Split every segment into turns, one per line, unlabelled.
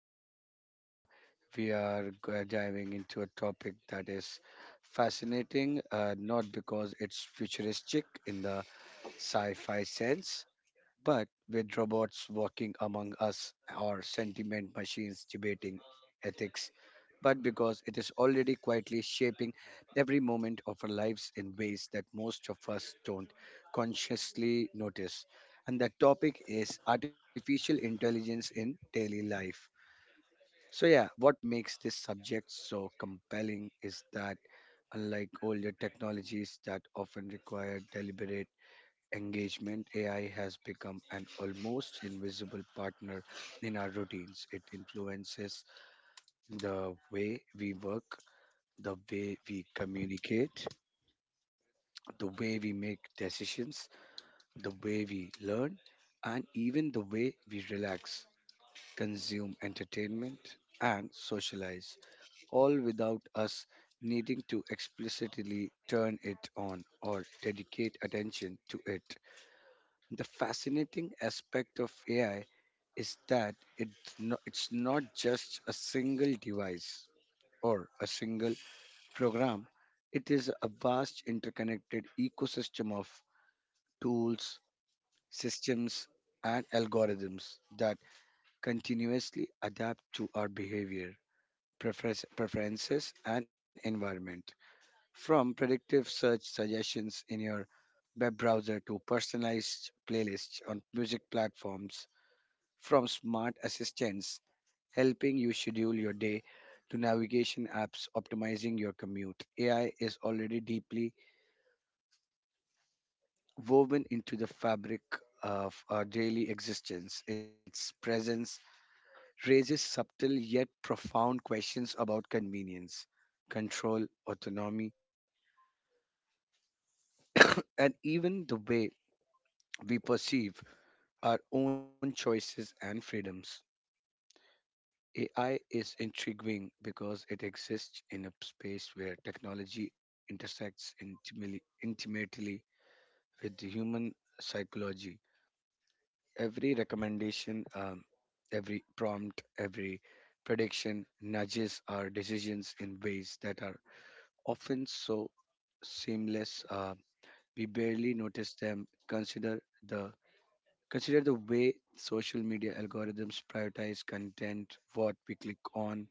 today we are diving into a topic that is fascinating, not because it's futuristic in the sci-fi sense, but with robots walking among us or sentiment machines debating ethics, but because it is already quietly shaping every moment of our lives in ways that most of us don't consciously notice. And that topic is artificial intelligence in daily life. So, yeah, what makes this subject so compelling is that, unlike older technologies that often require deliberate engagement, AI has become an almost invisible partner in our routines. It influences the way we work, the way we communicate, the way we make decisions, the way we learn, and even the way we relax, consume entertainment, and socialize, all without us needing to explicitly turn it on or dedicate attention to it. The fascinating aspect of AI is that it's not just a single device or a single program. It is a vast interconnected ecosystem of tools, systems, and algorithms that continuously adapt to our behavior, preferences, and environment. From predictive search suggestions in your web browser to personalized playlists on music platforms, from smart assistants helping you schedule your day to navigation apps optimizing your commute. AI is already deeply woven into the fabric of our daily existence. Its presence raises subtle yet profound questions about convenience, control, autonomy, and even the way we perceive our own choices and freedoms. AI is intriguing because it exists in a space where technology intersects intimately with the human psychology. Every recommendation, every prompt, every prediction nudges our decisions in ways that are often so seamless, we barely notice them. The Consider the way social media algorithms prioritize content, what we click on,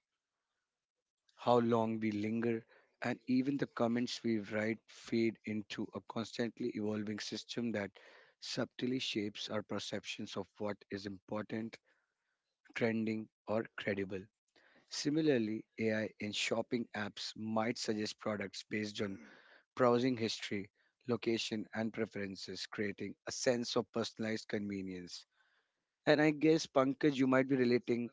how long we linger, and even the comments we write feed into a constantly evolving system that subtly shapes our perceptions of what is important, trending, or credible. Similarly, AI in shopping apps might suggest products based on browsing history, location, and preferences, creating a sense of personalized convenience. And I guess, Pankaj, you might be relating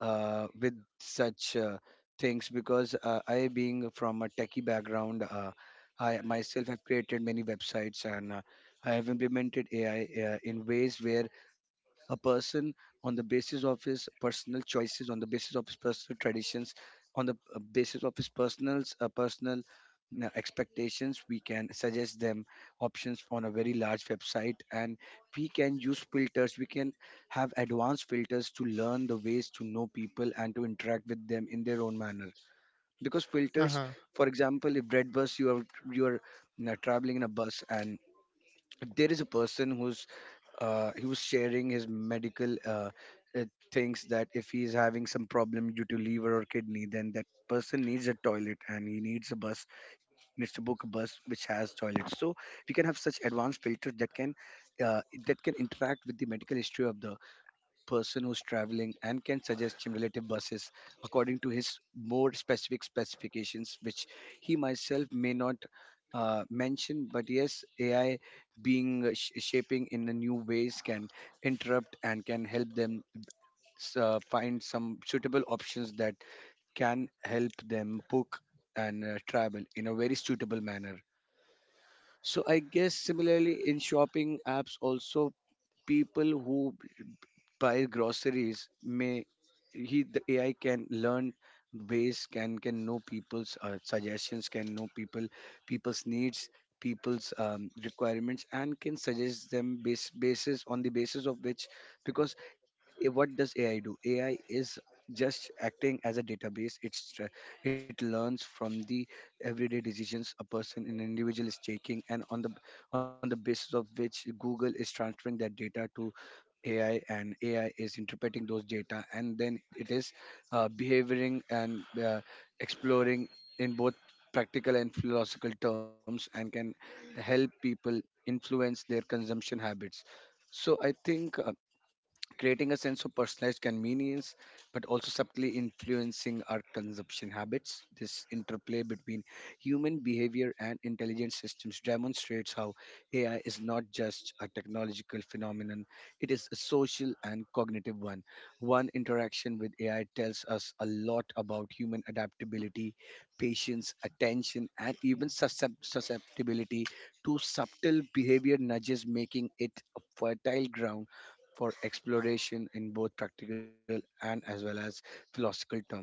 with such things because I, being from a techie background, I myself have created many websites, and I have implemented AI in ways where a person, on the basis of his personal choices, on the basis of his personal traditions, on the basis of his personal personal expectations, we can suggest them options on a very large website, and we can use filters. We can have advanced filters to learn the ways to know people and to interact with them in their own manner because filters,
Uh-huh.
for example, if red bus, you are you are you know, traveling in a bus and there is a person who's he was sharing his medical, uh, things, that if he is having some problem due to liver or kidney, then that person needs a toilet and he needs a bus. He needs to book a bus which has toilets, so we can have such advanced filters that can, uh, interact with the medical history of the person who's traveling and can suggest him relative buses according to his more specific specifications, which he myself may not mention. But yes, AI, being shaping in the new ways, can interrupt and can help them find some suitable options that can help them book and travel in a very suitable manner. So I guess similarly, in shopping apps also, people who buy groceries may, he the AI can learn ways, can know people's, suggestions, can know people's needs, people's requirements, and can suggest them base basis, on the basis of which, because what does AI do? AI is just acting as a database. It learns from the everyday decisions a person an individual is taking, and on the basis of which Google is transferring that data to AI, and AI is interpreting those data, and then it is behaving and exploring in both practical and philosophical terms, and can help people influence their consumption habits. So I think creating a sense of personalized convenience, but also subtly influencing our consumption habits. This interplay between human behavior and intelligent systems demonstrates how AI is not just a technological phenomenon, it is a social and cognitive one. One interaction with AI tells us a lot about human adaptability, patience, attention, and even susceptibility to subtle behavior nudges, making it a fertile ground for exploration in both practical and as well as philosophical terms.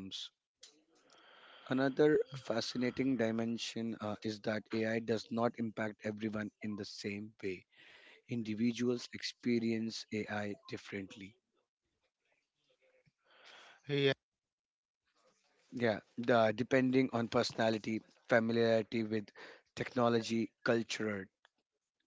Another fascinating dimension, is that AI does not impact everyone in the same way. Individuals experience AI differently.
Yeah.
Yeah, depending on personality, familiarity with technology, culture,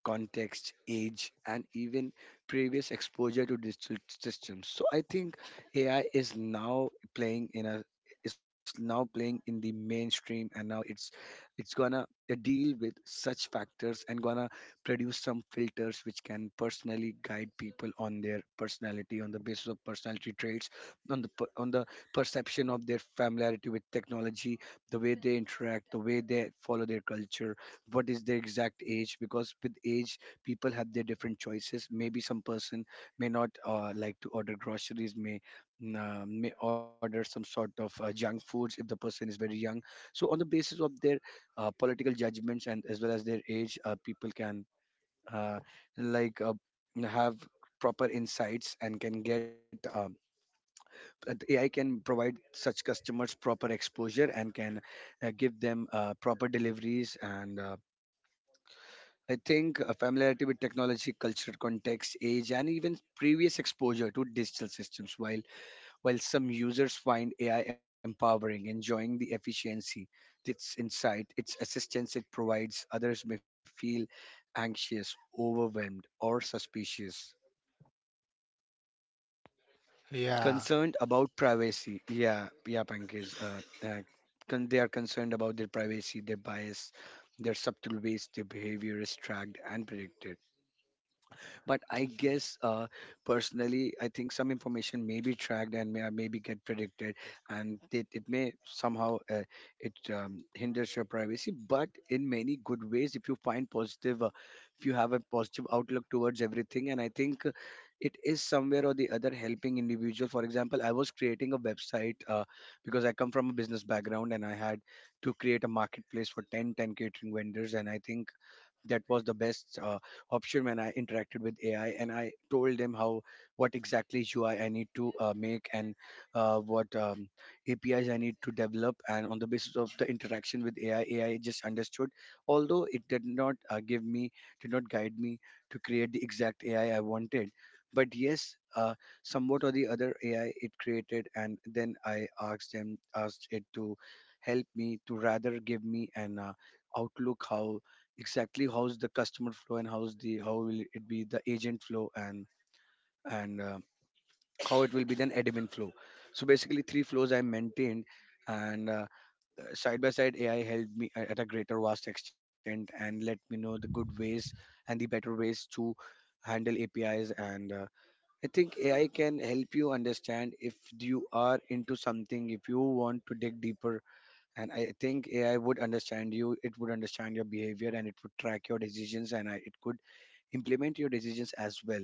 context, age, and even previous exposure to digital systems. So I think AI is now playing in a is now playing in the mainstream, and now it's gonna deal with such factors and gonna produce some filters which can personally guide people on their personality, on the basis of personality traits, on the perception of their familiarity with technology, the way they interact, the way they follow their culture, what is their exact age. Because with age, people have their different choices. Maybe some person may not like to order groceries, may, order some sort of junk foods if the person is very young. So on the basis of their political judgments and as well as their age, people can, uh, like, have proper insights and can get, AI can provide such customers proper exposure and can give them proper deliveries, and I think a familiarity with technology, cultural context, age, and even previous exposure to digital systems. While some users find AI empowering, enjoying the efficiency, its insight, its assistance it provides, others may feel anxious, overwhelmed, or suspicious.
Yeah.
Concerned about privacy. Yeah, yeah, Pankaj. They are concerned about their privacy, their bias, their subtle ways their behavior is tracked and predicted. But I guess, personally, I think some information may be tracked and maybe get predicted, and it may somehow, it, hinders your privacy. But in many good ways, if you find positive, if you have a positive outlook towards everything, and I think it is somewhere or the other helping individual. For example, I was creating a website because I come from a business background and I had to create a marketplace for ten catering vendors, and I think that was the best option. When I interacted with AI and I told them how, what exactly, ui I need to make and what, APIs I need to develop, and on the basis of the interaction with AI just understood. Although it did not give me did not guide me to create the exact AI I wanted, but yes, uh, somewhat or the other, AI, it created, and then I asked them asked it to help me to rather give me an outlook, how's the customer flow, and how will it be the agent flow, and how it will be then admin flow. So basically three flows I maintained, and side by side, AI helped me at a greater vast extent, and let me know the good ways and the better ways to handle APIs, and I think AI can help you understand if you are into something, if you want to dig deeper. And I think AI would understand you, it would understand your behavior, and it would track your decisions, and it could implement your decisions as well.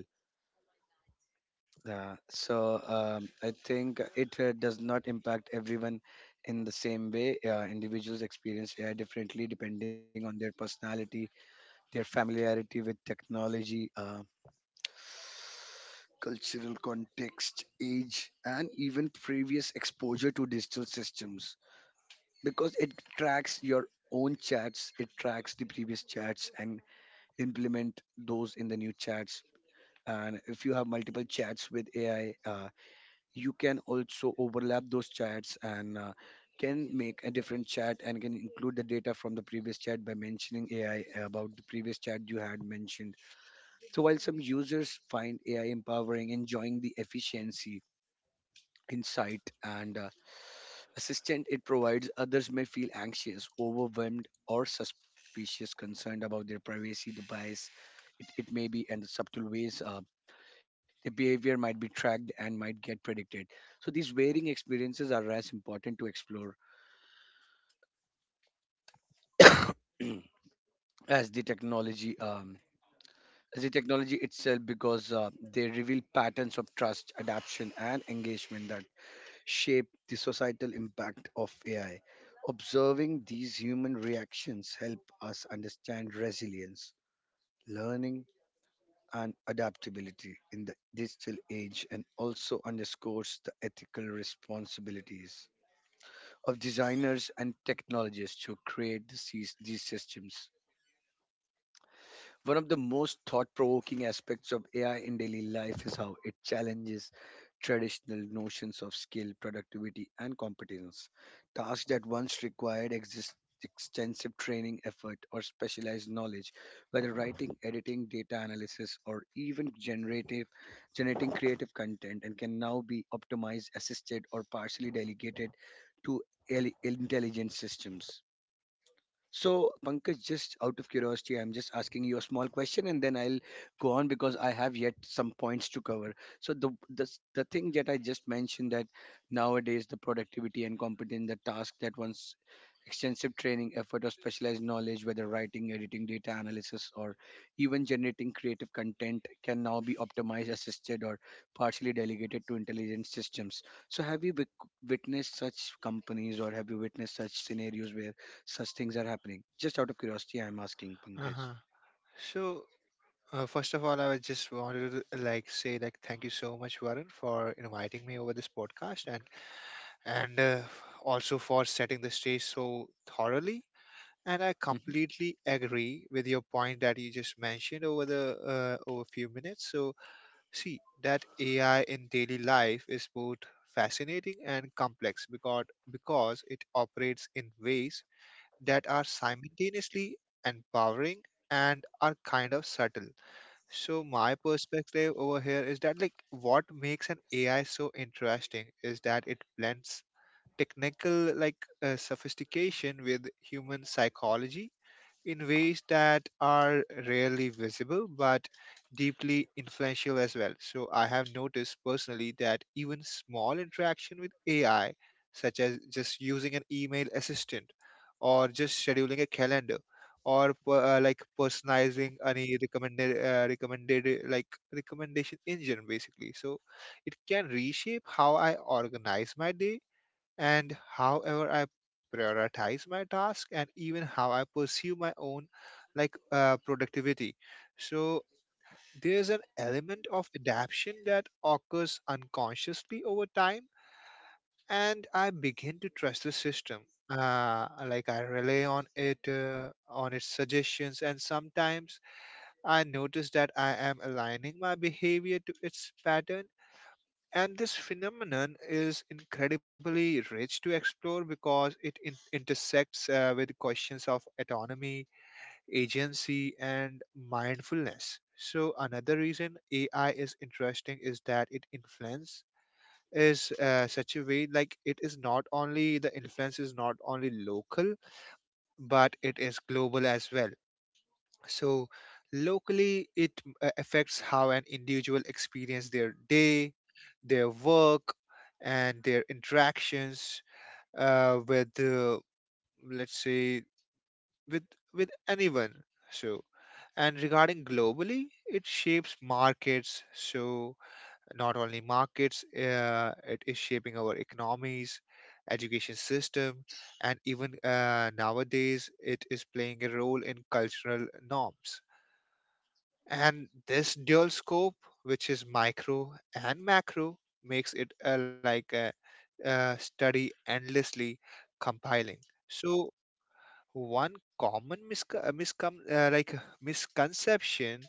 So I think it does not impact everyone in the same way. Individuals experience AI differently, depending on their personality, their familiarity with technology, cultural context, age, and even previous exposure to digital systems. Because it tracks your own chats, it tracks the previous chats and implement those in the new chats. And if you have multiple chats with AI, you can also overlap those chats and can make a different chat and can include the data from the previous chat by mentioning AI about the previous chat you had mentioned. So while some users find AI empowering, enjoying the efficiency, insight, and assistant it provides, others may feel anxious, overwhelmed, or suspicious, concerned about their privacy, the bias it may be, and the subtle ways, their behavior might be tracked and might get predicted. So these varying experiences are as important to explore as the technology um, as the technology itself because they reveal patterns of trust, adaptation, and engagement that shape the societal impact of AI. Observing these human reactions help us understand resilience, learning, and adaptability in the digital age and also underscores the ethical responsibilities of designers and technologists who create these systems. One of the most thought provoking aspects of AI in daily life is how it challenges traditional notions of skill, productivity, and competence. Tasks that once required extensive training effort or specialized knowledge, whether writing, editing, data analysis, or even generating creative content, and can now be optimized, assisted, or partially delegated to intelligent systems. So, Pankaj, just out of curiosity, I'm just asking you a small question, and then I'll go on because I have yet some points to cover. So, the thing that I just mentioned that nowadays the productivity and competence, the task that once extensive training effort or specialized knowledge, whether writing, editing, data analysis, or even generating creative content, can now be optimized, assisted, or partially delegated to intelligent systems. So, have you witnessed such companies, or have you witnessed such scenarios where such things are happening? Just out of curiosity, I'm asking Pankaj.
Uh-huh. So, first of all, I would just wanted to like say like thank you so much, Varun, for inviting me over this podcast and also for setting the stage so thoroughly. And I
hmm
completely agree with your point that you just mentioned over the over a few minutes. So, see that AI in daily life is both fascinating and complex because it operates in ways that are simultaneously empowering and are kind of subtle. So my perspective over here is that like what makes an AI so interesting is that it blends technical sophistication with human psychology in ways that are rarely visible but deeply influential as well. So I have noticed personally that even small interaction with AI, such as just using an email assistant or just scheduling a calendar or like personalizing any recommended recommended like recommendation engine basically, so it can reshape how I organize my day and however I prioritize my task and even how I pursue my own productivity. So there's an element of adaptation that occurs unconsciously over time, and I begin to trust the system. Like I rely on it, on its suggestions, and sometimes I notice that I am aligning my behavior to its pattern, and this phenomenon is incredibly rich to explore because it intersects with questions of autonomy, agency, and mindfulness. So, another reason AI is interesting is that it influence is such a way like it is not only the influence is not only local but it is global as well. So locally, it affects how an individual experience their day, their work, and their interactions uh, with, uh, let's say, with, with anyone. So and regarding globally, it shapes markets. So not only markets, it is shaping our economies, education system, and even nowadays, it is playing a role in cultural norms, and this dual scope, which is micro and macro, makes it a study endlessly compiling. So one common misconception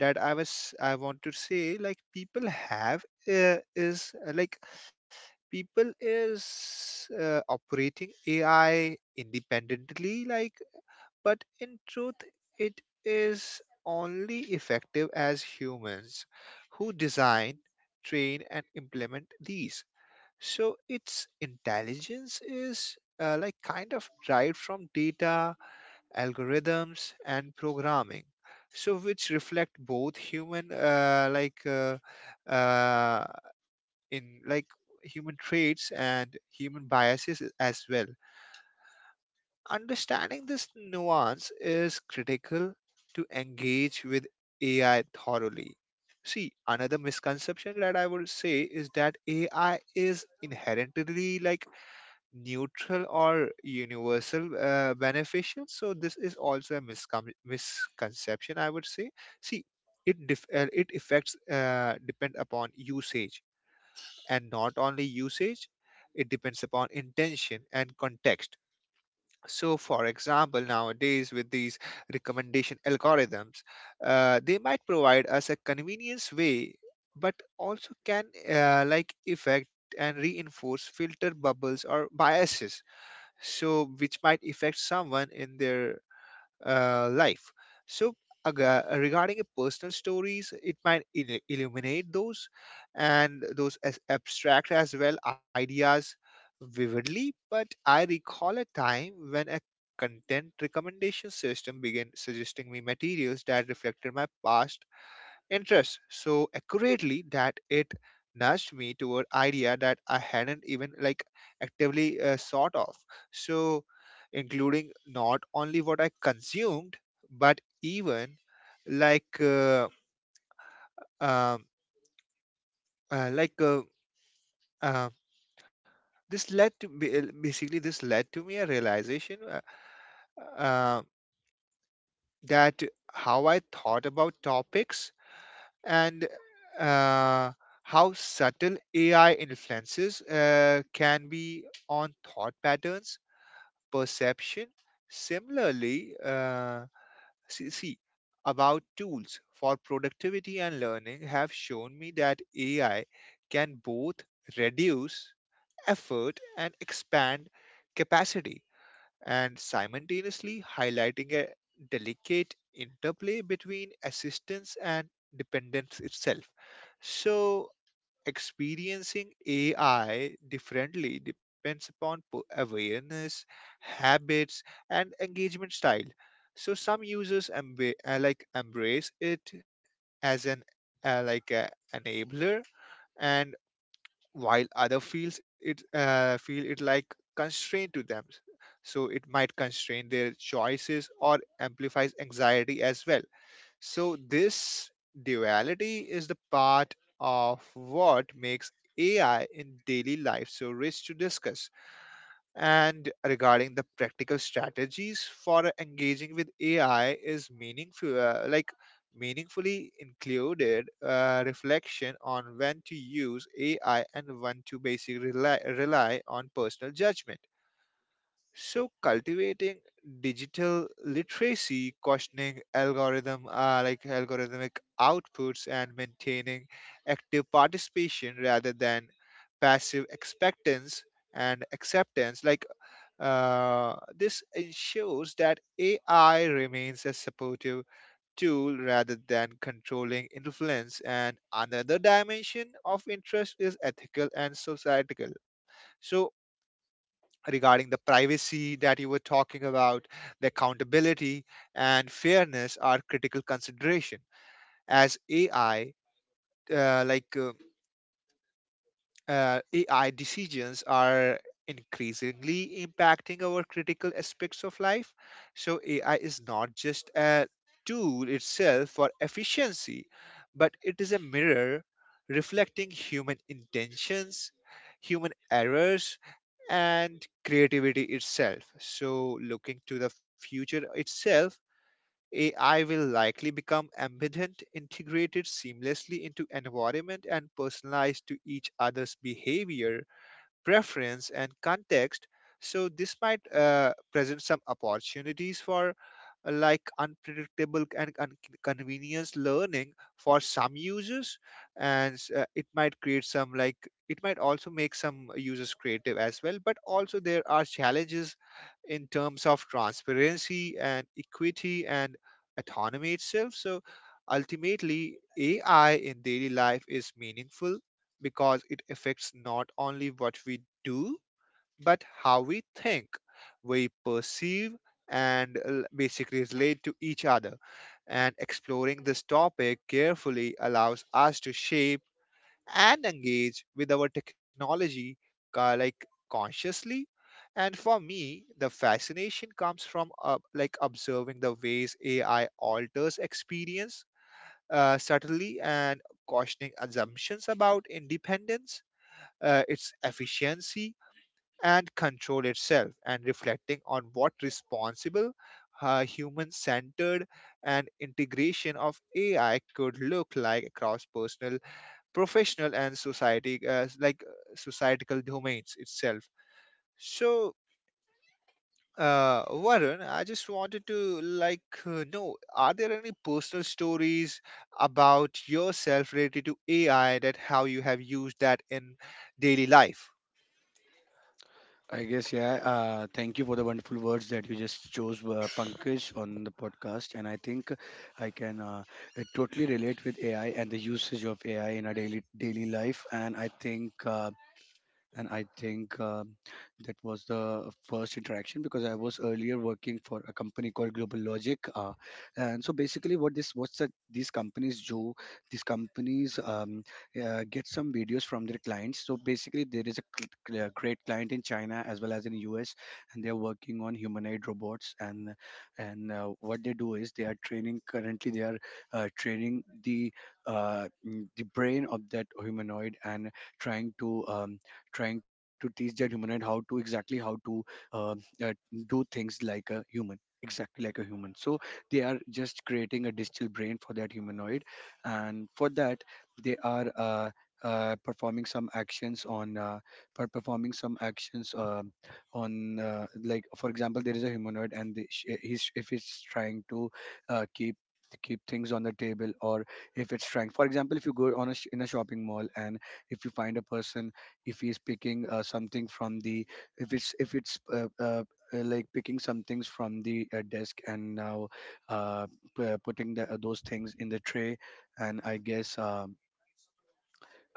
that I want to say like people have is like people is operating AI independently like, but in truth, it is only effective as humans who design, train, and implement these. So its intelligence is like kind of derived from data, algorithms, and programming, so which reflect both human like uh, in like human traits and human biases as well. Understanding this nuance is critical to engage with AI thoroughly. See, another misconception that I would say is that AI is inherently like neutral or universal beneficial. So this is also a misconception, I would say. See, it it affects, depend upon usage, and not only usage, it depends upon intention and context. So, for example, nowadays with these recommendation algorithms, they might provide us a convenience way, but also can affect and reinforce filter bubbles or biases, so which might affect someone in their life. So, regarding a personal stories, it might illuminate those and those as abstract as well ideas vividly. But I recall a time when a content recommendation system began suggesting me materials that reflected my past interest so accurately that it nudged me toward idea that I hadn't even actively sought of. So, including not only what I consumed, but even like uh, um, uh, like uh, uh, this led to, basically this led to me a realization, uh, that how I thought about topics and uh, how subtle AI influences can be on thought patterns, perception. Similarly, see, see, about tools for productivity and learning have shown me that AI can both reduce effort and expand capacity and simultaneously highlighting a delicate interplay between assistance and dependence itself. So, experiencing AI differently depends upon awareness, habits, and engagement style. So, some users embrace it as an like a enabler, and while other feel it like constraint to them, so it might constrain their choices or amplifies anxiety as well. So this duality is the part of what makes AI in daily life so rich to discuss. And regarding the practical strategies for engaging with AI is meaningful, meaningfully included reflection on when to use AI and when to basically rely on personal judgment. So cultivating digital literacy, questioning algorithmic outputs, and maintaining active participation rather than passive expectance and acceptance this ensures that AI remains a supportive tool rather than controlling influence. And another dimension of interest is ethical and societal. So, regarding the privacy that you were talking about, the accountability and fairness are critical consideration as AI, uh, like. Uh, uh, AI decisions are increasingly impacting our critical aspects of life. So, AI is not just a tool itself for efficiency, but it is a mirror reflecting human intentions, human errors, and creativity itself. So, looking to the future itself, AI will likely become ambident, integrated seamlessly into environment and personalized to each other's behavior, preference, and context. So this might present some opportunities for unpredictable and inconvenience learning for some users, and it might create some like it might also make some users creative as well, but also there are challenges in terms of transparency and equity and autonomy itself. So ultimately AI in daily life is meaningful because it affects not only what we do, but how we think, we perceive, and basically relate to each other. And exploring this topic carefully allows us to shape and engage with our technology uh, like consciously. And for me, the fascination comes from observing the ways AI alters experience subtly and questioning assumptions about independence, its efficiency and control itself, and reflecting on what responsible, human centered, and integration of AI could look like across personal, professional, and society like societal domains itself. So Varun, I just wanted to know, are there any personal stories about yourself related to AI that how you have used that in daily life?
I guess, yeah. Thank you for the wonderful words that you just chose, Pankaj, on the podcast. And I think I can totally relate with AI and the usage of AI in our daily life. And I think that was the first interaction because I was earlier working for a company called Global Logic, and so basically, what this what's that these companies do? These companies get some videos from their clients. So basically, there is a great client in China as well as in US, and they are working on humanoid robots. And what they do is they are training. Currently, they are training the the brain of that humanoid and trying to trying to teach that humanoid how to uh, uh, do things like a human exactly like a human so they are just creating a digital brain for that humanoid and for that they are performing some actions performing some actions on like for example there is a humanoid and he's if he's trying to uh, keep keep things on the table or if it's trying for example if you go on a in a shopping mall and if you find a person if he's picking something from the if it's like picking some things from the desk and now uh, putting those things in the tray and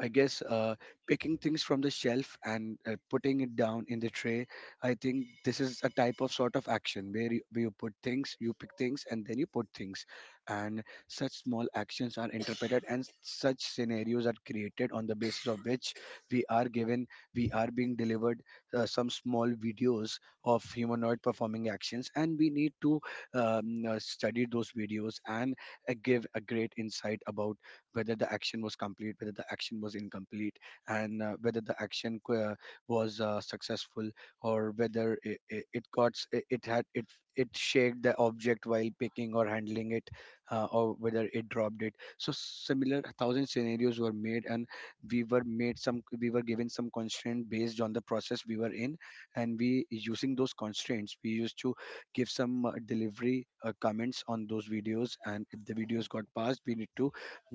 I guess picking things from the shelf and putting it down in the tray. I think this is a type of sort of action where where you put things, you pick things, and then you put things. And such small actions are interpreted, and such scenarios are created on the basis of which we are given, we are being delivered some small videos of humanoid performing actions, and we need to study those videos and give a great insight about whether the action was complete, whether the action was incomplete, and whether the action was successful or whether it, it, it got s- it had it it shaked the object while picking or handling it, or whether it dropped it. So similar thousand scenarios were made, and we were given some constraint based on the process we were in, and we using those constraints we used to give some delivery comments on those videos and if the videos got passed we need to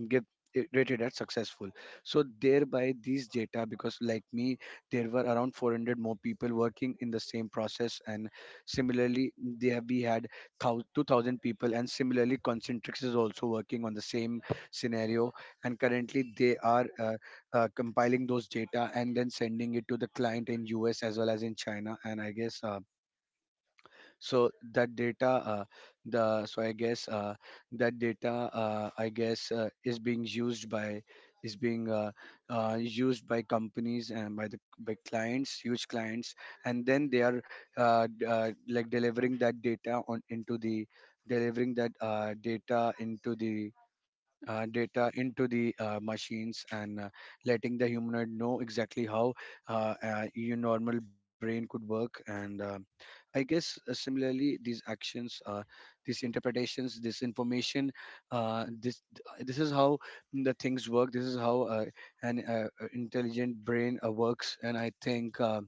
give rated as successful. So thereby these data, because like me there were around 400 more people working in the same process and similarly there we had 2000 people, and similarly Concentrix is also working on the same scenario. And currently they are compiling those data and then sending it to the client in US as well as in China. And I guess so that the so i guess uh, data is being used by is being used by companies and by clients, huge clients, and then they are like delivering that data into the machines and letting the humanoid know exactly how your normal brain could work. And similarly these actions, these interpretations, this information, uh, this this is how the things work, this is how an intelligent brain works. And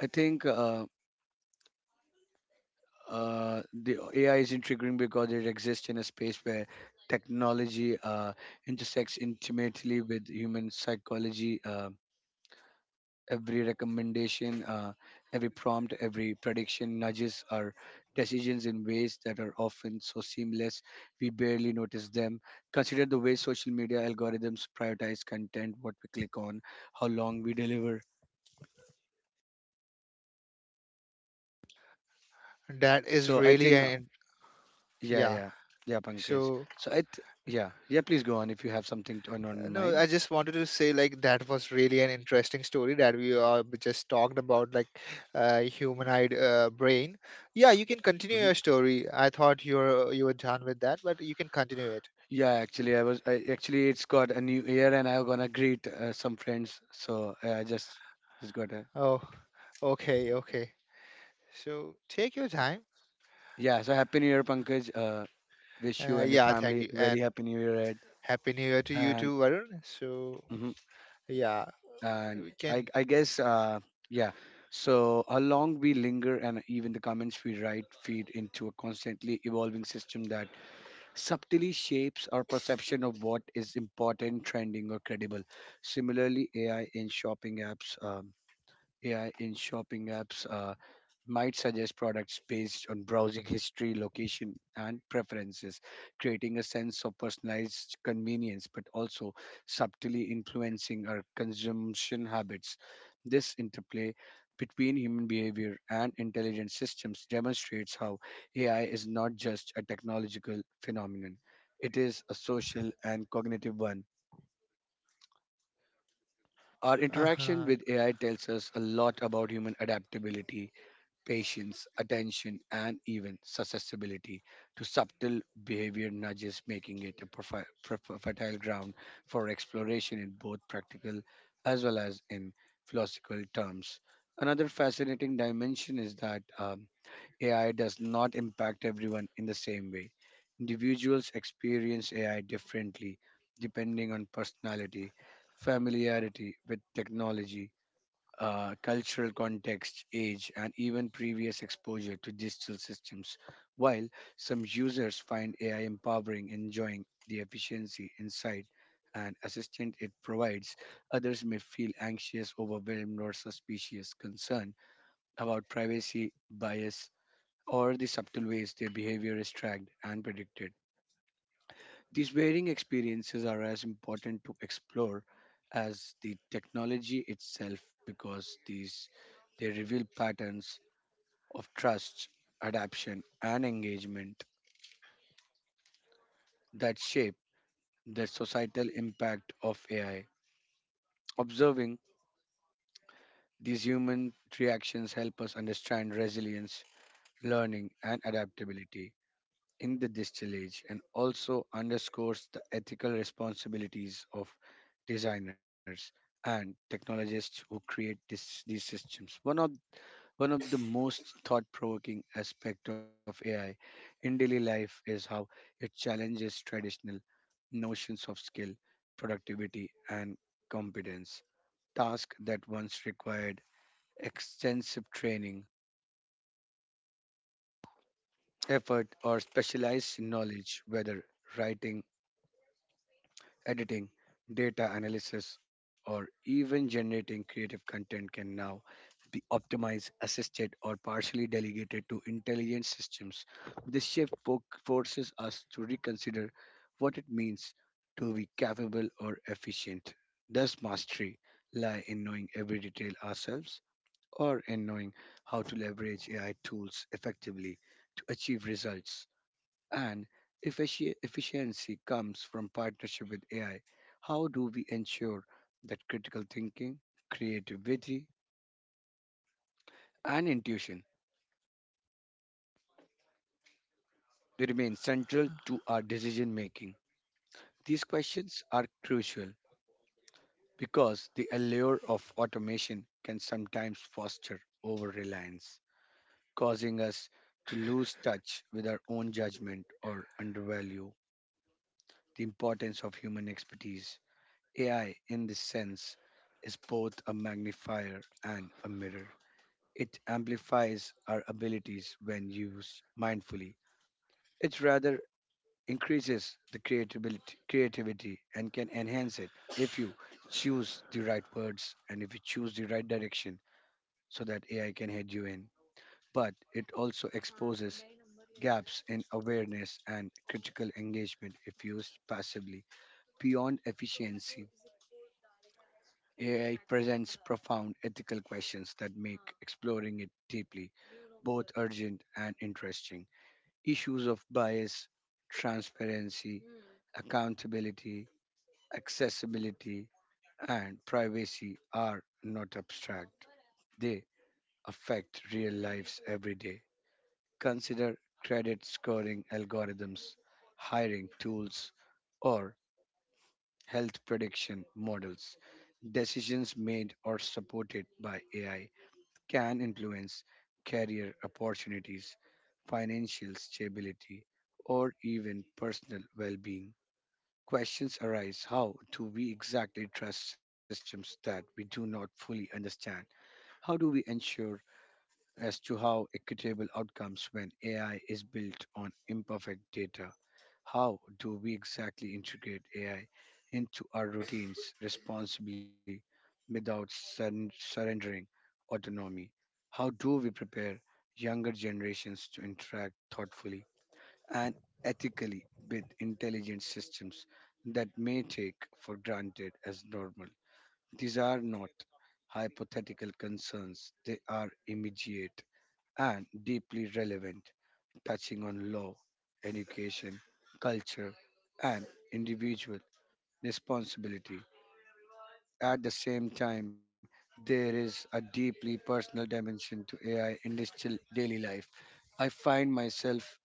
I think the AI is intriguing because it exists in a space where technology intersects intimately with human psychology. Every recommendation, every prompt, every prediction nudges our decisions in ways that are often so seamless we barely notice them. Consider the way social media algorithms prioritize content, what we click on, how long we deliver.
That is
So I
really
think
an
yeah,
yeah.
yeah, Pankaj.
So
So yeah, yeah. Please go on if you have something to, on
No,
mind.
I just wanted to say like that was really an interesting story that we just talked about, like humanoid brain. Yeah, you can continue
Hmm.
your story. I thought you were done with that, but you can continue it.
Yeah, actually, actually it's got a new year and I'm gonna greet some friends. So I just got a
Oh, okay, okay. So take your time.
yeah. So happy new year, Pankaj. Wish you and your
Yeah, thank
family
you,
a very
and
happy new year ahead.
happy New Year to you
And
too, Varun. So
hmm,
yeah,
and
we
I
can.
I guess uh yeah. So how long we linger and even the comments we write feed into a constantly evolving system that subtly shapes our perception of what is important, trending, or credible. Similarly, AI in shopping apps might suggest products based on browsing history, location, and preferences, creating a sense of personalized convenience, but also subtly influencing our consumption habits. This interplay between human behavior and intelligent systems demonstrates how AI is not just a technological phenomenon, it is a social and cognitive one. Our
Uh
interaction
huh.
with AI tells us a lot about human adaptability, patience, attention, and even susceptibility to subtle behavior nudges, making it a fertile ground for exploration in both practical as well as in philosophical terms. Another fascinating dimension is that AI does not impact everyone in the same way. Individuals experience AI differently depending on personality, familiarity with technology, cultural context, age, and even previous exposure to digital systems, while some users find AI empowering, enjoying the efficiency, insight, and assistance it provides, others may feel anxious, overwhelmed, or suspicious, concerned about privacy, bias, or the subtle ways their behavior is tracked and predicted. These varying experiences are as important to explore as the technology itself because these they reveal patterns of trust, adaptation and engagement that shape the societal impact of AI. Observing these human reactions help us understand resilience, learning and adaptability in the distillage and also underscores the ethical responsibilities of designers and technologists who create these systems. One of the most thought-provoking aspect of AI in daily life is how it challenges traditional notions of skill, productivity, and competence. Tasks that once required extensive training, effort, or specialized knowledge, whether writing, editing, data analysis, or even generating creative content can now be optimized, assisted, or partially delegated to intelligent systems. This shift forces us to reconsider what it means to be capable or efficient. Does mastery lie in knowing every detail ourselves or in knowing how to leverage AI tools effectively to achieve results? And efficiency comes from partnership with AI. How do we ensure that critical thinking, creativity, and intuition they remain central to our decision making? These questions are crucial because the allure of automation can sometimes foster over reliance, causing us to lose touch with our own judgment or undervalue the importance of human expertise. AI, in this sense, is both a magnifier and a mirror. It amplifies our abilities when used mindfully. It rather increases the creativity and can enhance it if you choose the right words and if you choose the right direction so that AI can head you in. But it also exposes gaps in awareness and critical engagement if used passively. Beyond efficiency, AI presents profound ethical questions that make exploring it deeply both urgent and interesting. Issues of bias, transparency, accountability, accessibility, and privacy are not abstract. They affect real lives every day. Consider credit scoring algorithms, hiring tools, or health prediction models, decisions made or supported by AI can influence career opportunities, financial stability, or even personal well being. Questions arise: how do we exactly trust systems that we do not fully understand? How do we ensure as to how equitable outcomes when AI is built on imperfect data? How do we exactly integrate AI into our routines responsibly without surrendering autonomy? How do we prepare younger generations to interact thoughtfully and ethically with intelligent systems that may take for granted as normal? These are not hypothetical concerns, they are immediate and deeply relevant, touching on law, education, culture, and individual responsibility. At the same time, there is a deeply personal dimension to AI in digital daily life. I find myself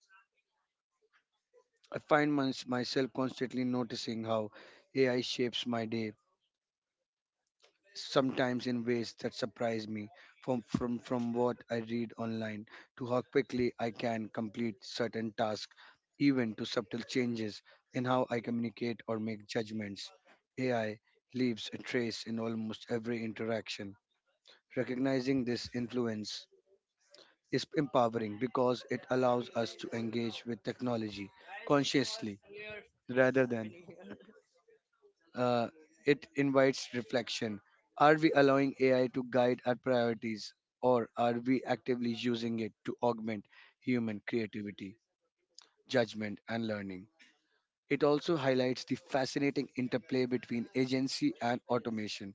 I find myself constantly noticing how AI shapes my day, sometimes in ways that surprise me, from what I read online to how quickly I can complete certain tasks, even to subtle changes in how I communicate or make judgments. AI leaves a trace in almost every interaction. Recognizing this influence is empowering because it allows us to engage with technology consciously rather than Uh, it invites reflection. Are we allowing AI to guide our priorities, or are we actively using it to augment human creativity, judgment, and learning? It also highlights the fascinating interplay between agency and automation.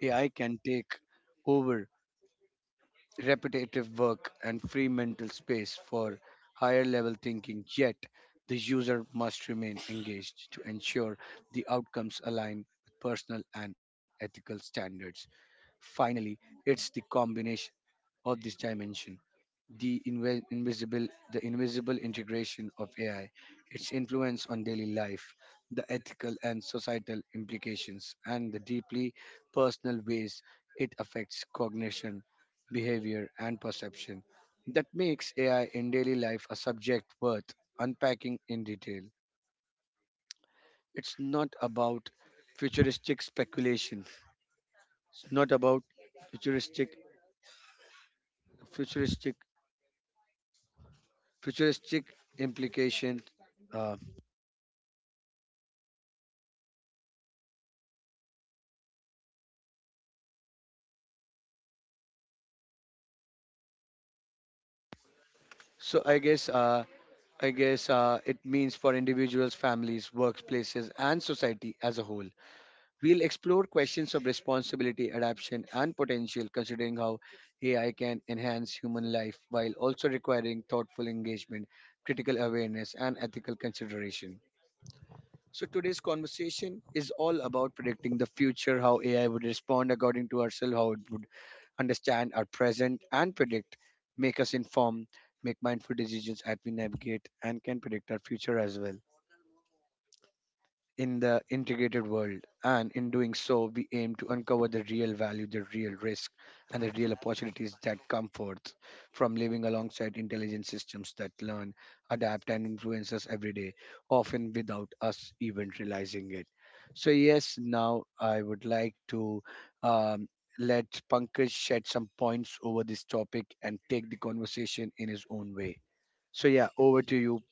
AI can take over repetitive work and free mental space for higher level thinking, yet the user must remain engaged to ensure the outcomes align with personal and ethical standards. Finally, it's the combination of this dimension, the invisible integration of AI, its influence on daily life, the ethical and societal implications, and the deeply personal ways it affects cognition, behavior, and perception. That makes AI in daily life a subject worth unpacking in detail. It's not about futuristic speculation. It's not about futuristic futuristic futuristic implication. Uh, so I guess uh, I guess it means for individuals, families, workplaces, and society as a whole. We'll explore questions of responsibility, adaptation, and potential, considering how AI can enhance human life while also requiring thoughtful engagement, critical awareness, and ethical consideration. So today's conversation is all about predicting the future, how AI would respond according to ourselves, how it would understand our present and predict, make us inform, make mindful decisions as we navigate and can predict our future as well in the integrated world. And in doing so, we aim to uncover the real value, the real risk, and the real opportunities that come forth from living alongside intelligent systems that learn, adapt, and influence us every day, often without us even realizing it. So, yes, now I would like to. Um, Let Pankaj shed some points over this topic and take the conversation in his own way. So, yeah, over to you,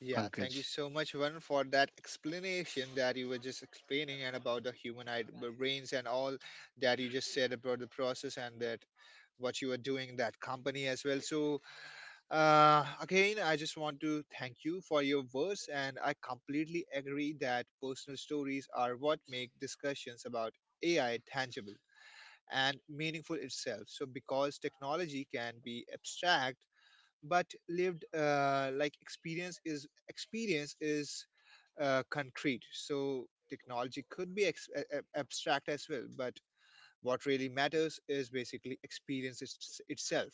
Yeah, thank
Pankaj.
you so much, Varun, for that explanation that you were just explaining and about the human brains and all that you just said about the process and that what you were doing in that company as well. So, again, I just want to thank you for your words, and I completely agree that personal stories are what make discussions about AI tangible and meaningful itself. So, because technology can be abstract, but lived experience is concrete, so technology could be abstract as well, but what really matters is basically itself.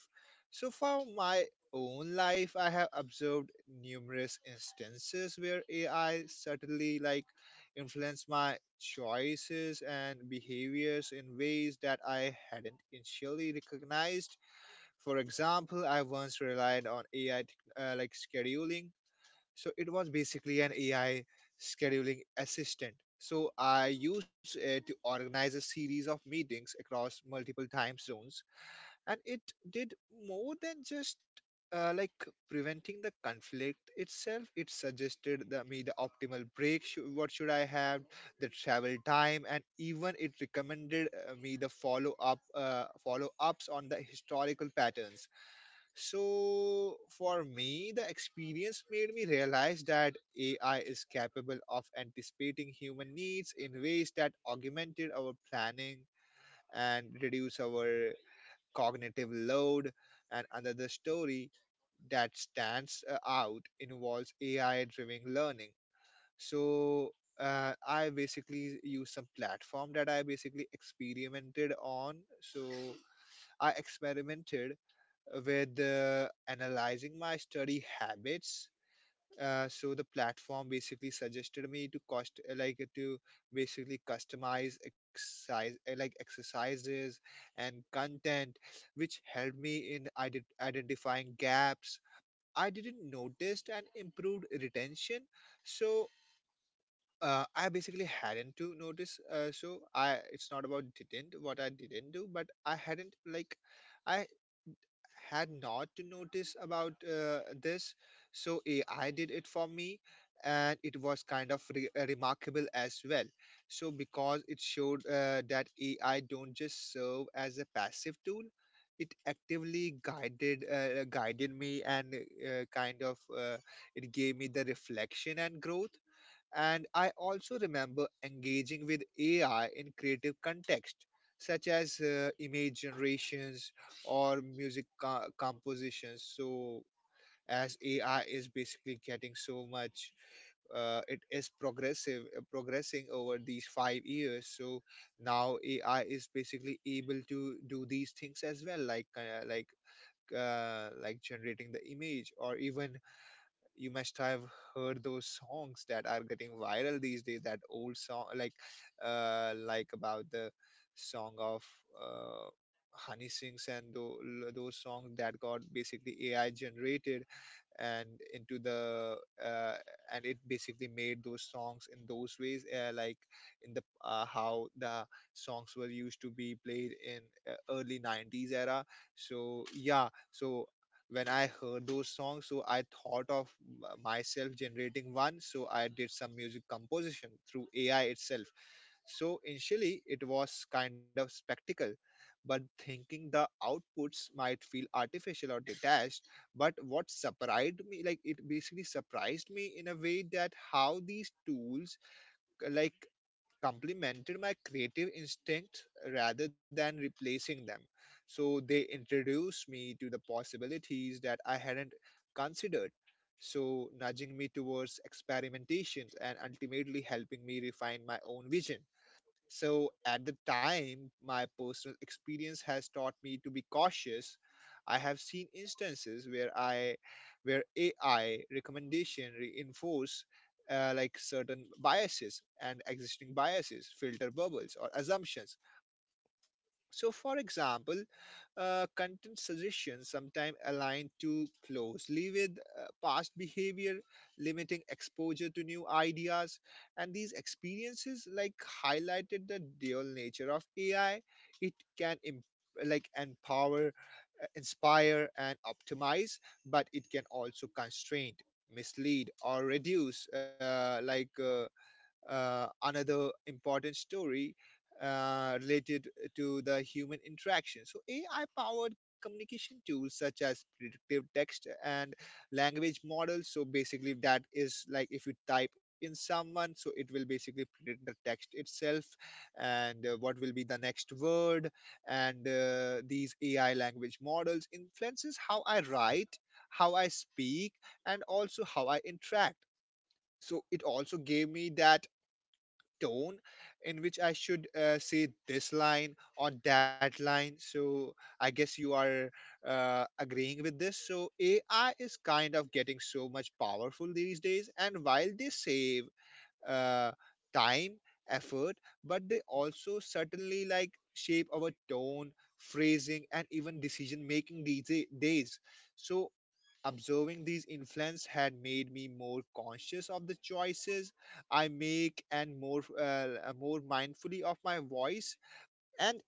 So for my own life, I have observed numerous instances where AI certainly influenced my choices and behaviors in ways that I hadn't initially recognized. For example, I once relied on AI scheduling. So it was basically an AI scheduling assistant. So I used it to organize a series of meetings across multiple time zones, and it did more than just uh, like preventing the conflict itself. It suggested the, me the optimal break, what should I have, the travel time, and even it recommended me the follow ups on the historical patterns. So, for me, the experience made me realize that AI is capable of anticipating human needs in ways that augmented our planning and reduce our cognitive load. And another story that stands out involves AI driven learning. So, I basically use some platform that I basically experimented on. So, I experimented with analyzing my study habits. So the platform basically suggested me to cost like to basically customize exercises and content, which helped me in identifying gaps I didn't notice and improved retention, so I basically hadn't to notice. So I it's not about didn't what I didn't do, but I hadn't like I had not to notice about this. So AI did it for me, and it was kind of remarkable as well, so because it showed that AI don't just serve as a passive tool. It actively guided me and uh, kind of uh, it gave me the reflection and growth. And I also remember engaging with AI in creative context, such as image generations or compositions. So as AI is basically getting so much, it is progressing over these five years. So now AI is basically able to do these things as well, like like generating the image. Or even you must have heard those songs that are getting viral these days, that old song like about the song of uh Honey sings and those songs that got basically AI generated and into the uh, and it basically made those songs in those ways, like in the how the songs were used to be played in early nineties era. So yeah, so when I heard those songs, so I thought of myself generating one. So I did some music composition through AI itself. So initially, it was kind of spectacle, but thinking the outputs might feel artificial or detached. But what surprised me, like it basically surprised me in a way that how these tools like complemented my creative instincts rather than replacing them. So they introduced me to the possibilities that I hadn't considered. So nudging me towards experimentations and ultimately helping me refine my own vision. So at the time, my personal experience has taught me to be cautious. I have seen instances where AI recommendation reinforce like certain biases and existing biases, filter bubbles or assumptions. So for example, content suggestions sometimes align too closely with past behavior, limiting exposure to new ideas. And these experiences like highlighted the dual nature of AI. It can like empower, inspire, and optimize, but it can also constrain, mislead, or reduce, another important story related to the human interaction. So AI powered communication tools such as predictive text and language models. So basically, that is like if you type in someone, so it will basically predict the text itself, and what will be the next word. And these AI language models influences how I write, how I speak, and also how I interact. So it also gave me that tone in which I should say this line or that line. So I guess you are agreeing with this. So AI is kind of getting so much powerful these days, and while they save uh, time, effort, but they also certainly like shape our tone, phrasing, and even decision making these days. So observing these influence had made me more conscious of the choices I make, and more mindfully of my voice. And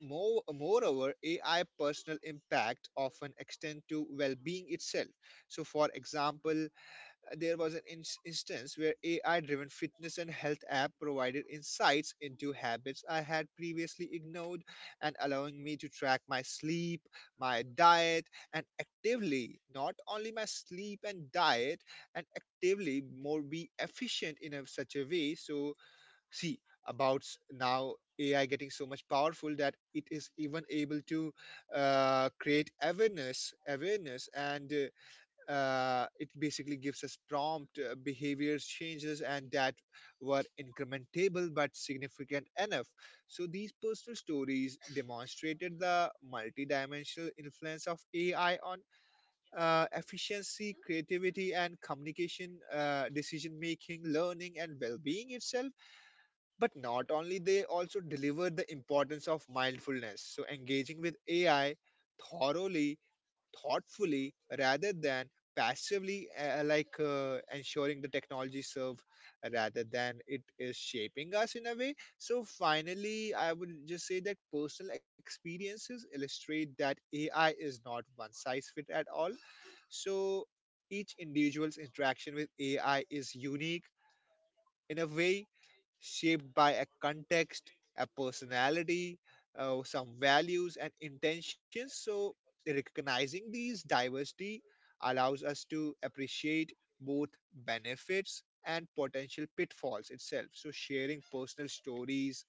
moreover, AI personal impact often extend to well-being itself. So for example, there was an instance where AI driven fitness and health app provided insights into habits I had previously ignored, and allowing me to track my sleep, my diet, and actively, not only my sleep and diet, and actively more be efficient in a, such a way. So, see, about now AI getting so much powerful that it is even able to create awareness, and it basically gives us prompt behavior changes, and that were incrementable but significant enough. So these personal stories demonstrated the multidimensional influence of AI on efficiency, creativity, and communication, decision making, learning, and well being itself. But not only, they also deliver the importance of mindfulness. So engaging with AI thoroughly thoughtfully rather than passively, ensuring the technology serve rather than it is shaping us in a way. So finally, I would just say that personal experiences illustrate that AI is not one size fit at all. So each individual's interaction with AI is unique, in a way shaped by a context, a personality, some values and intentions. So recognizing these diversity allows us to appreciate both benefits and potential pitfalls itself. So sharing personal stories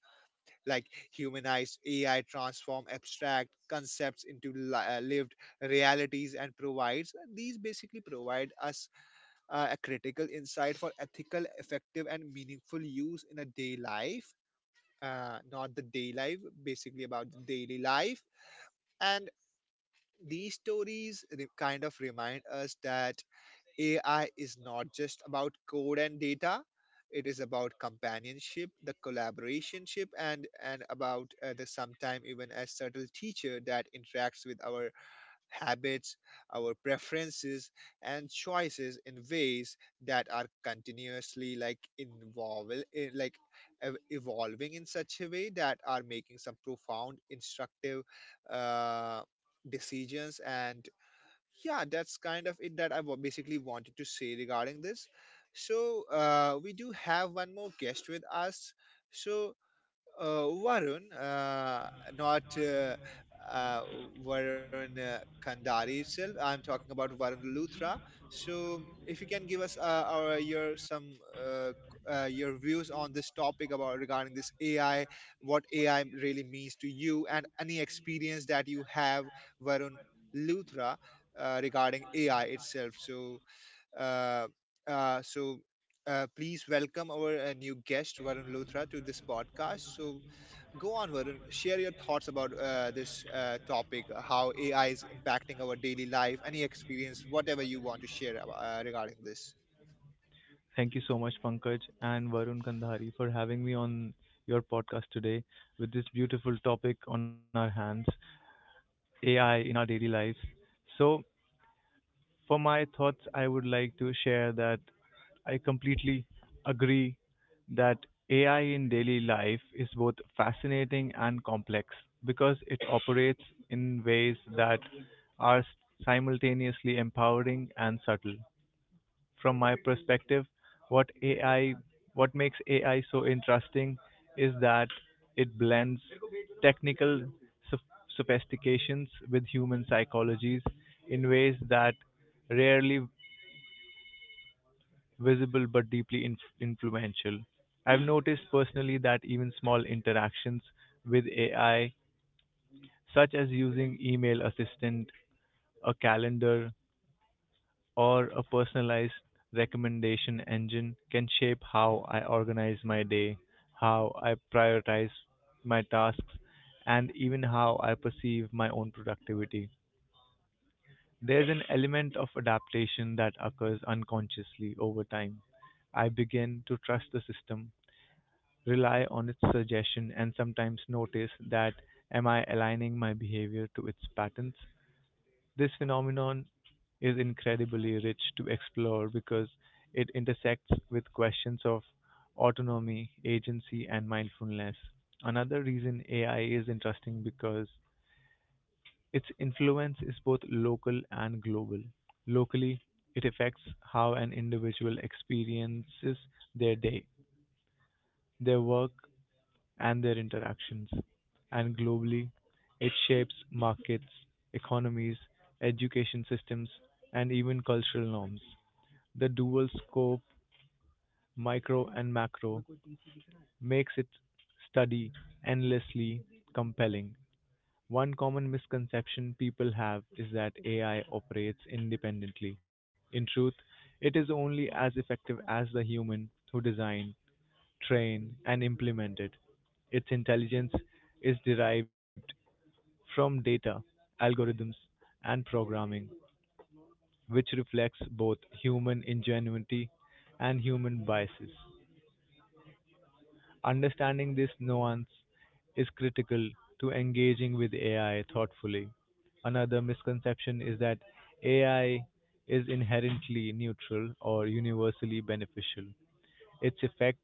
like humanized AI transform abstract concepts into lived realities, and provides these basically provide us a critical insight for ethical, effective, and meaningful use in a day life. Not the day life, basically about the daily life. And these stories kind of remind us that AI is not just about code and data. It is about companionship, the collaborationship, and about the sometime even a subtle teacher that interacts with our habits, our preferences, and choices in ways that are continuously like involve like evolving in such a way that are making some profound instructive uh, decisions. And yeah, that's kind of it that I basically wanted to say regarding this. So we do have one more guest with us. So Varun, not uh, Varun Kandari itself. I'm talking about Varun Luthra. So if you can give us our your some your views on this topic about regarding this AI, what AI really means to you, and any experience that you have, Varun Luthra, regarding AI itself. Uh, so please welcome our new guest Varun Luthra to this podcast. So go on, Varun. Share your thoughts about this topic, how AI is impacting our daily life, any experience, whatever you want to share regarding this.
Thank you so much, Pankaj and Varun Kandhari, for having me on your podcast today with this beautiful topic on our hands, AI in our daily lives. So, for my thoughts, I would like to share that I completely agree that AI in daily life is both fascinating and complex because it operates in ways that are simultaneously empowering and subtle. From my perspective, what AI, what makes AI so interesting is that it blends technical sof- sophistications with human psychologies in ways that rarely visible but deeply influential. I've noticed personally that even small interactions with AI, such as using email assistant, a calendar, or a personalized recommendation engine can shape how I organize my day, how I prioritize my tasks, and even how I perceive my own productivity. There's an element of adaptation that occurs unconsciously over time. I begin to trust the system, rely on its suggestion, and sometimes notice that am I aligning my behavior to its patterns? This phenomenon is incredibly rich to explore because it intersects with questions of autonomy, agency, and mindfulness. Another reason AI is interesting because its influence is both local and global. Locally, it affects how an individual experiences their day, their work, and their interactions, and globally, it shapes markets, economies, education systems, and even cultural norms. The dual scope, micro and macro, makes its study endlessly compelling. One common misconception people have is that AI operates independently. In truth, it is only as effective as the human who design, train, and implement it. Its intelligence is derived from data, algorithms, and programming, which reflects both human ingenuity and human biases. Understanding this nuance is critical to engaging with AI thoughtfully. Another misconception is that AI is inherently neutral or universally beneficial. Its effects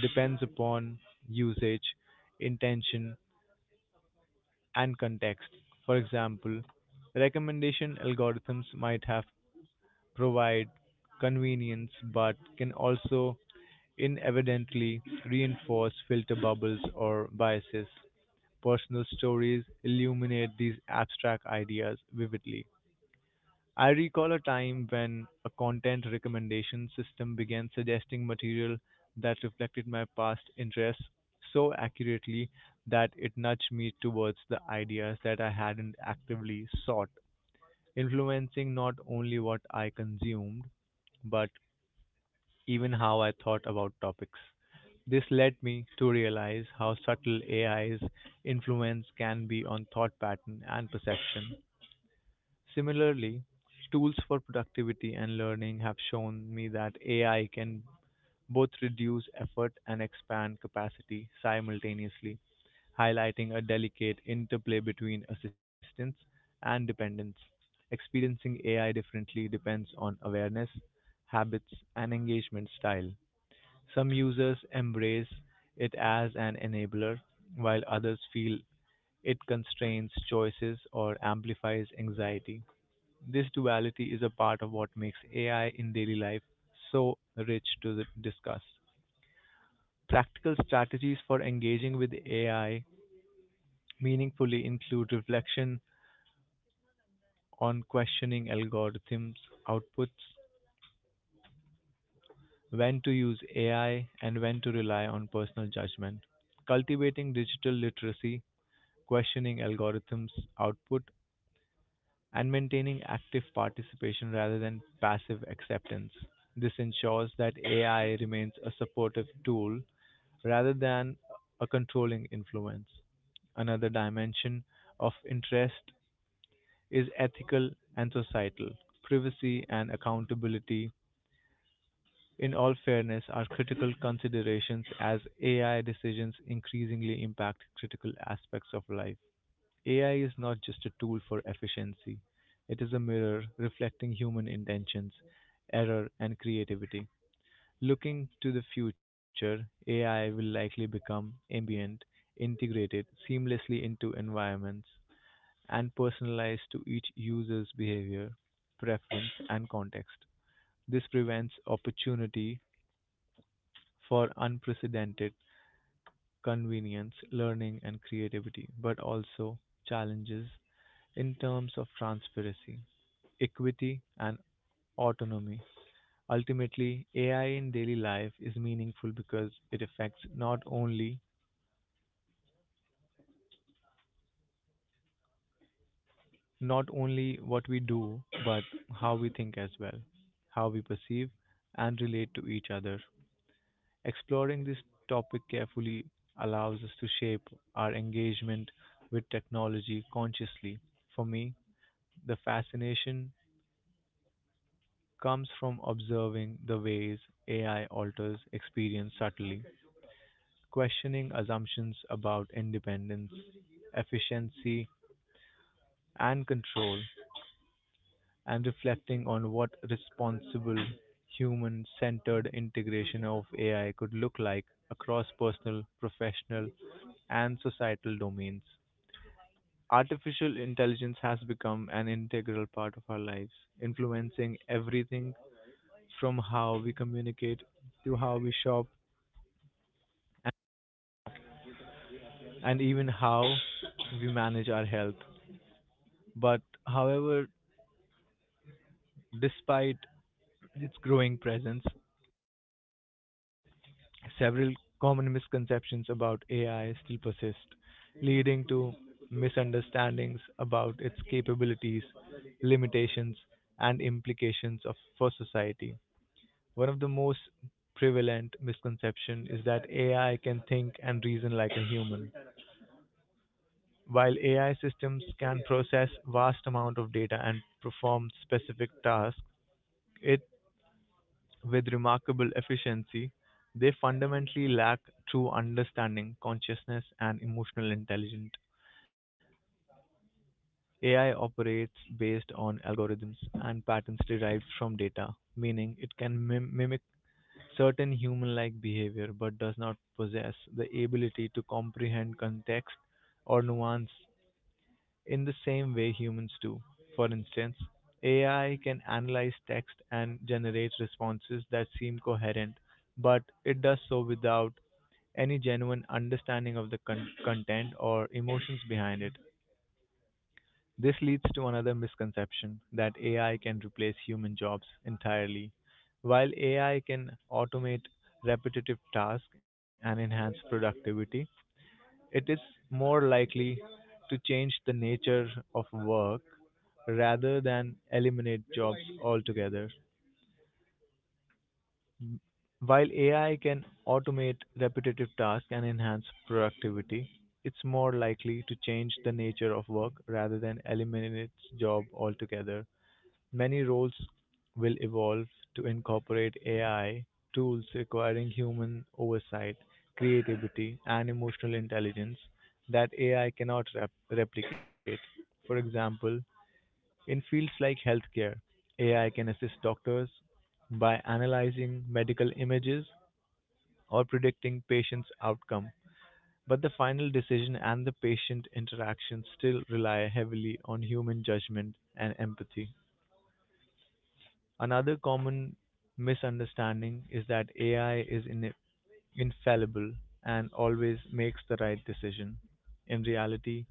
depends upon usage, intention, and context. For example, recommendation algorithms might have provide convenience but can also inadvertently reinforce filter bubbles or biases. Personal stories illuminate these abstract ideas vividly. I recall a time when a content recommendation system began suggesting material that reflected my past interests so accurately that it nudged me towards the ideas that I hadn't actively sought, influencing not only what I consumed, but even how I thought about topics. This led me to realize how subtle AI's influence can be on thought pattern and perception. Similarly, tools for productivity and learning have shown me that AI can both reduce effort and expand capacity simultaneously, highlighting a delicate interplay between assistance and dependence. Experiencing AI differently depends on awareness, habits, and engagement style. Some users embrace it as an enabler, while others feel it constrains choices or amplifies anxiety. This duality is a part of what makes AI in daily life so rich to discuss. Practical strategies for engaging with AI meaningfully include reflection on questioning algorithms' outputs, when to use AI, and when to rely on personal judgment. Cultivating digital literacy, questioning algorithms' output, and maintaining active participation rather than passive acceptance. This ensures that AI remains a supportive tool rather than a controlling influence. Another dimension of interest is ethical and societal. Privacy and accountability, in all fairness, are critical considerations as AI decisions increasingly impact critical aspects of life. AI is not just a tool for efficiency, it is a mirror reflecting human intentions, error, and creativity. Looking to the future, AI will likely become ambient, integrated seamlessly into environments, and personalized to each user's behavior, preference, and context. This prevents opportunity for unprecedented convenience, learning, and creativity, but also challenges in terms of transparency, equity, and autonomy. Ultimately, AI in daily life is meaningful because it affects not only what we do, but how we think as well, how we perceive and relate to each other. Exploring this topic carefully allows us to shape our engagement with technology consciously. For me, the fascination comes from observing the ways AI alters experience subtly, questioning assumptions about independence, efficiency, and control, and reflecting on what responsible, human centered integration of AI could look like across personal, professional, and societal domains. Artificial intelligence has become an integral part of our lives, influencing everything from how we communicate to how we shop and even how we manage our health. But however, despite its growing presence, several common misconceptions about AI still persist, leading to misunderstandings about its capabilities, limitations, and implications of, for society. One of the most prevalent misconception is that AI can think and reason like a human. While AI systems can process vast amount of data and perform specific tasks, it with remarkable efficiency, they fundamentally lack true understanding, consciousness, and emotional intelligence. AI operates based on algorithms and patterns derived from data, meaning it can mimic certain human like behavior but does not possess the ability to comprehend context or nuance in the same way humans do. For instance, AI can analyze text and generate responses that seem coherent, but it does so without any genuine understanding of the content or emotions behind it. This leads to another misconception that AI can replace human jobs entirely. While AI can automate repetitive tasks and enhance productivity, it is more likely to change the nature of work rather than eliminate jobs altogether. M- While AI can automate repetitive tasks and enhance productivity, it's more likely to change the nature of work rather than eliminate its job altogether. Many roles will evolve to incorporate AI tools requiring human oversight, creativity, and emotional intelligence that AI cannot replicate. For example, in fields like healthcare, AI can assist doctors by analyzing medical images or predicting patients' outcome, but the final decision and the patient interaction still rely heavily on human judgment and empathy. Another common misunderstanding is that AI is infallible and always makes the right decision. In reality,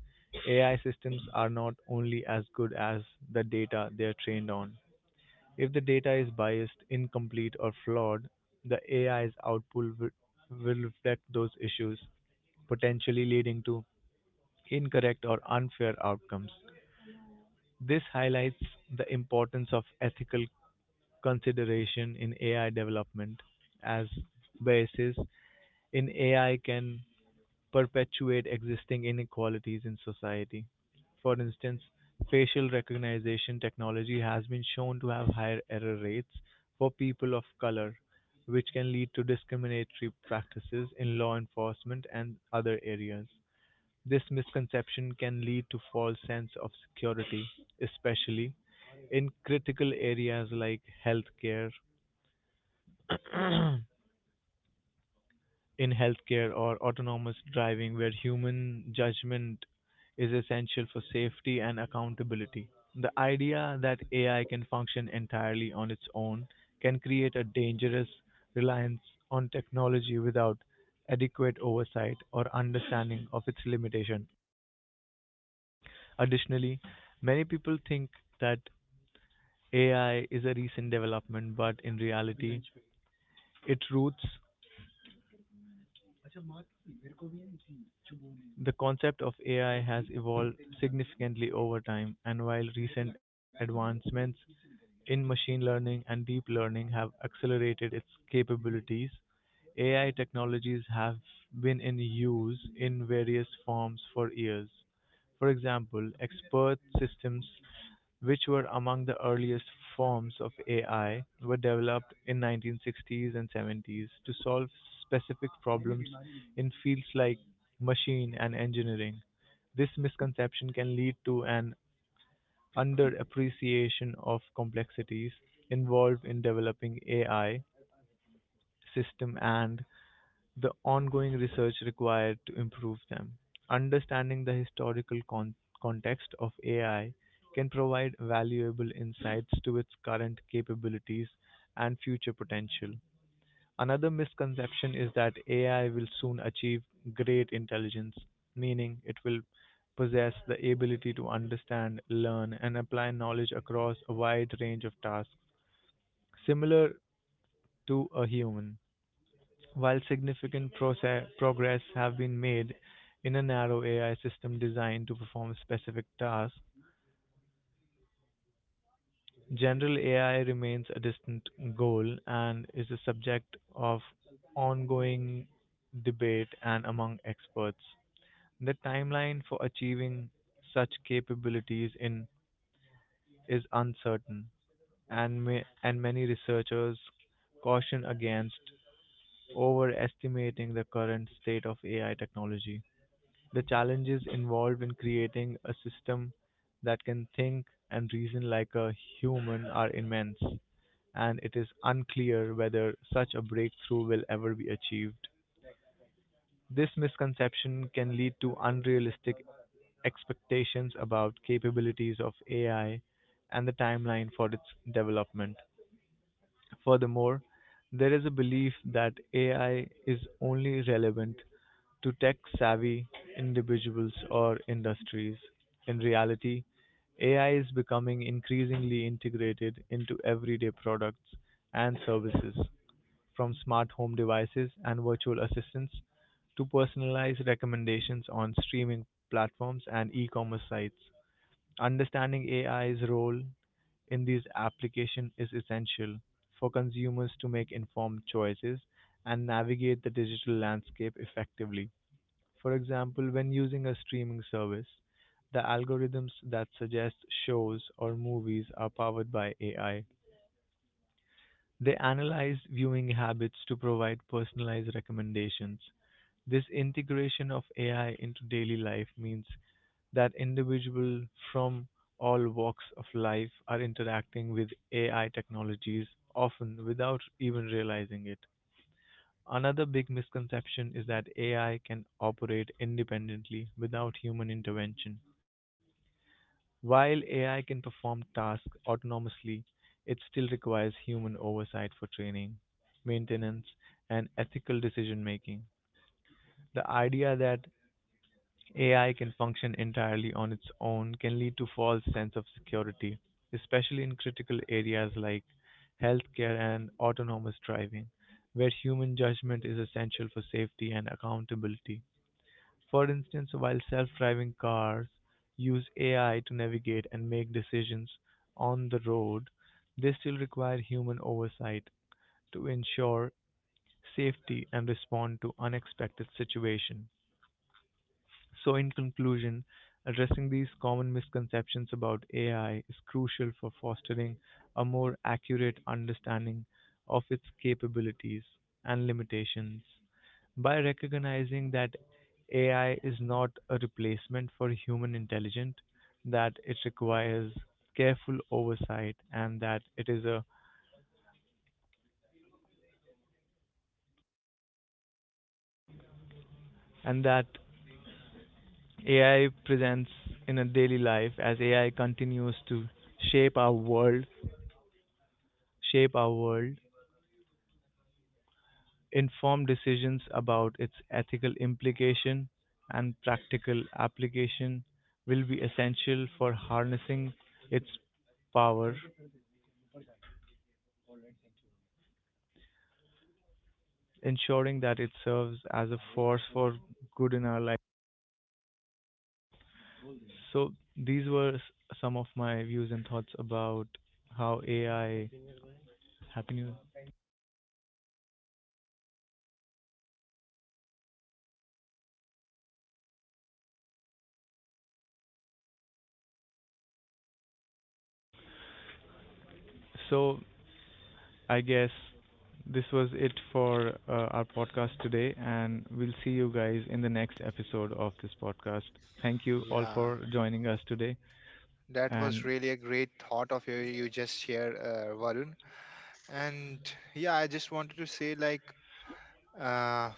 AI systems are not only as good as the data they are trained on. If the data is biased, incomplete, or flawed, the AI's output will reflect those issues, potentially leading to incorrect or unfair outcomes. This highlights the importance of ethical consideration in AI development, as biases in AI can perpetuate existing inequalities in society. For instance, facial recognition technology has been shown to have higher error rates for people of color, which can lead to discriminatory practices in law enforcement and other areas. This misconception can lead to false sense of security, especially in critical areas like healthcare. In healthcare or autonomous driving where human judgment is essential for safety and accountability. The idea that AI can function entirely on its own can create a dangerous reliance on technology without adequate oversight or understanding of its limitation. Additionally, many people think that AI is a recent development, but in reality, its roots, the concept of AI has evolved significantly over time, and while recent advancements in machine learning and deep learning have accelerated its capabilities, AI technologies have been in use in various forms for years. For example, expert systems, which were among the earliest forms of AI, were developed in 1960s and 70s to solve specific problems in fields like machine and engineering. This misconception can lead to an underappreciation of complexities involved in developing AI system and the ongoing research required to improve them. Understanding the historical context of AI can provide valuable insights to its current capabilities and future potential. Another misconception is that AI will soon achieve great intelligence, meaning it will possess the ability to understand, learn, and apply knowledge across a wide range of tasks, similar to a human. While significant progress have been made in a narrow AI system designed to perform specific tasks, general AI remains a distant goal and is a subject of ongoing debate and among experts. The timeline for achieving such capabilities in is uncertain, and many researchers caution against overestimating the current state of AI technology. The challenges involved in creating a system that can think and reason like a human are immense, and it is unclear whether such a breakthrough will ever be achieved. This misconception can lead to unrealistic expectations about capabilities of AI and the timeline for its development. Furthermore, there is a belief that AI is only relevant to tech-savvy individuals or industries. In reality, AI is becoming increasingly integrated into everyday products and services, from smart home devices and virtual assistants to personalized recommendations on streaming platforms and e-commerce sites. Understanding AI's role in these applications is essential for consumers to make informed choices and navigate the digital landscape effectively. For example, when using a streaming service, the algorithms that suggest shows or movies are powered by AI. They analyze viewing habits to provide personalized recommendations. This integration of AI into daily life means that individuals from all walks of life are interacting with AI technologies, often without even realizing it. Another big misconception is that AI can operate independently without human intervention. While AI can perform tasks autonomously, it still requires human oversight for training, maintenance, and ethical decision making. The idea that AI can function entirely on its own can lead to false sense of security, especially in critical areas like healthcare and autonomous driving, where human judgment is essential for safety and accountability. For instance, while self-driving cars use AI to navigate and make decisions on the road, they still require human oversight to ensure safety and respond to unexpected situations. So, in conclusion, addressing these common misconceptions about AI is crucial for fostering a more accurate understanding of its capabilities and limitations. By recognizing that AI is not a replacement for human intelligence, that it requires careful oversight and that it is a and that AI presents in a daily life as AI continues to shape our world shape our world, informed decisions about its ethical implication and practical application will be essential for harnessing its power, ensuring that it serves as a force for good in our life. So these were some of my views and thoughts about how AI happy new. Year! So I guess this was it for our podcast today, and we'll see you guys in the next episode of this podcast. Thank you all
Yeah,
for joining us today,
that was
and
really a great thought of you just shared, Varun. And yeah, I just wanted to say like uh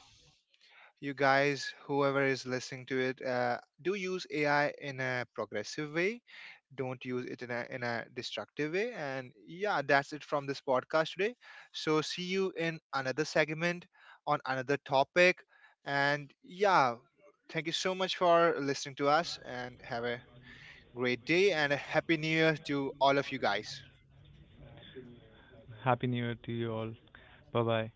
you guys, whoever is listening to it, do use AI in a progressive way. Don't use it in a destructive way. And yeah, that's it from this podcast today. So see you in another segment on another topic. And yeah, thank you so much for listening to us, and have a great day and a happy new year to all of you guys.
Happy New Year to you all. Bye bye.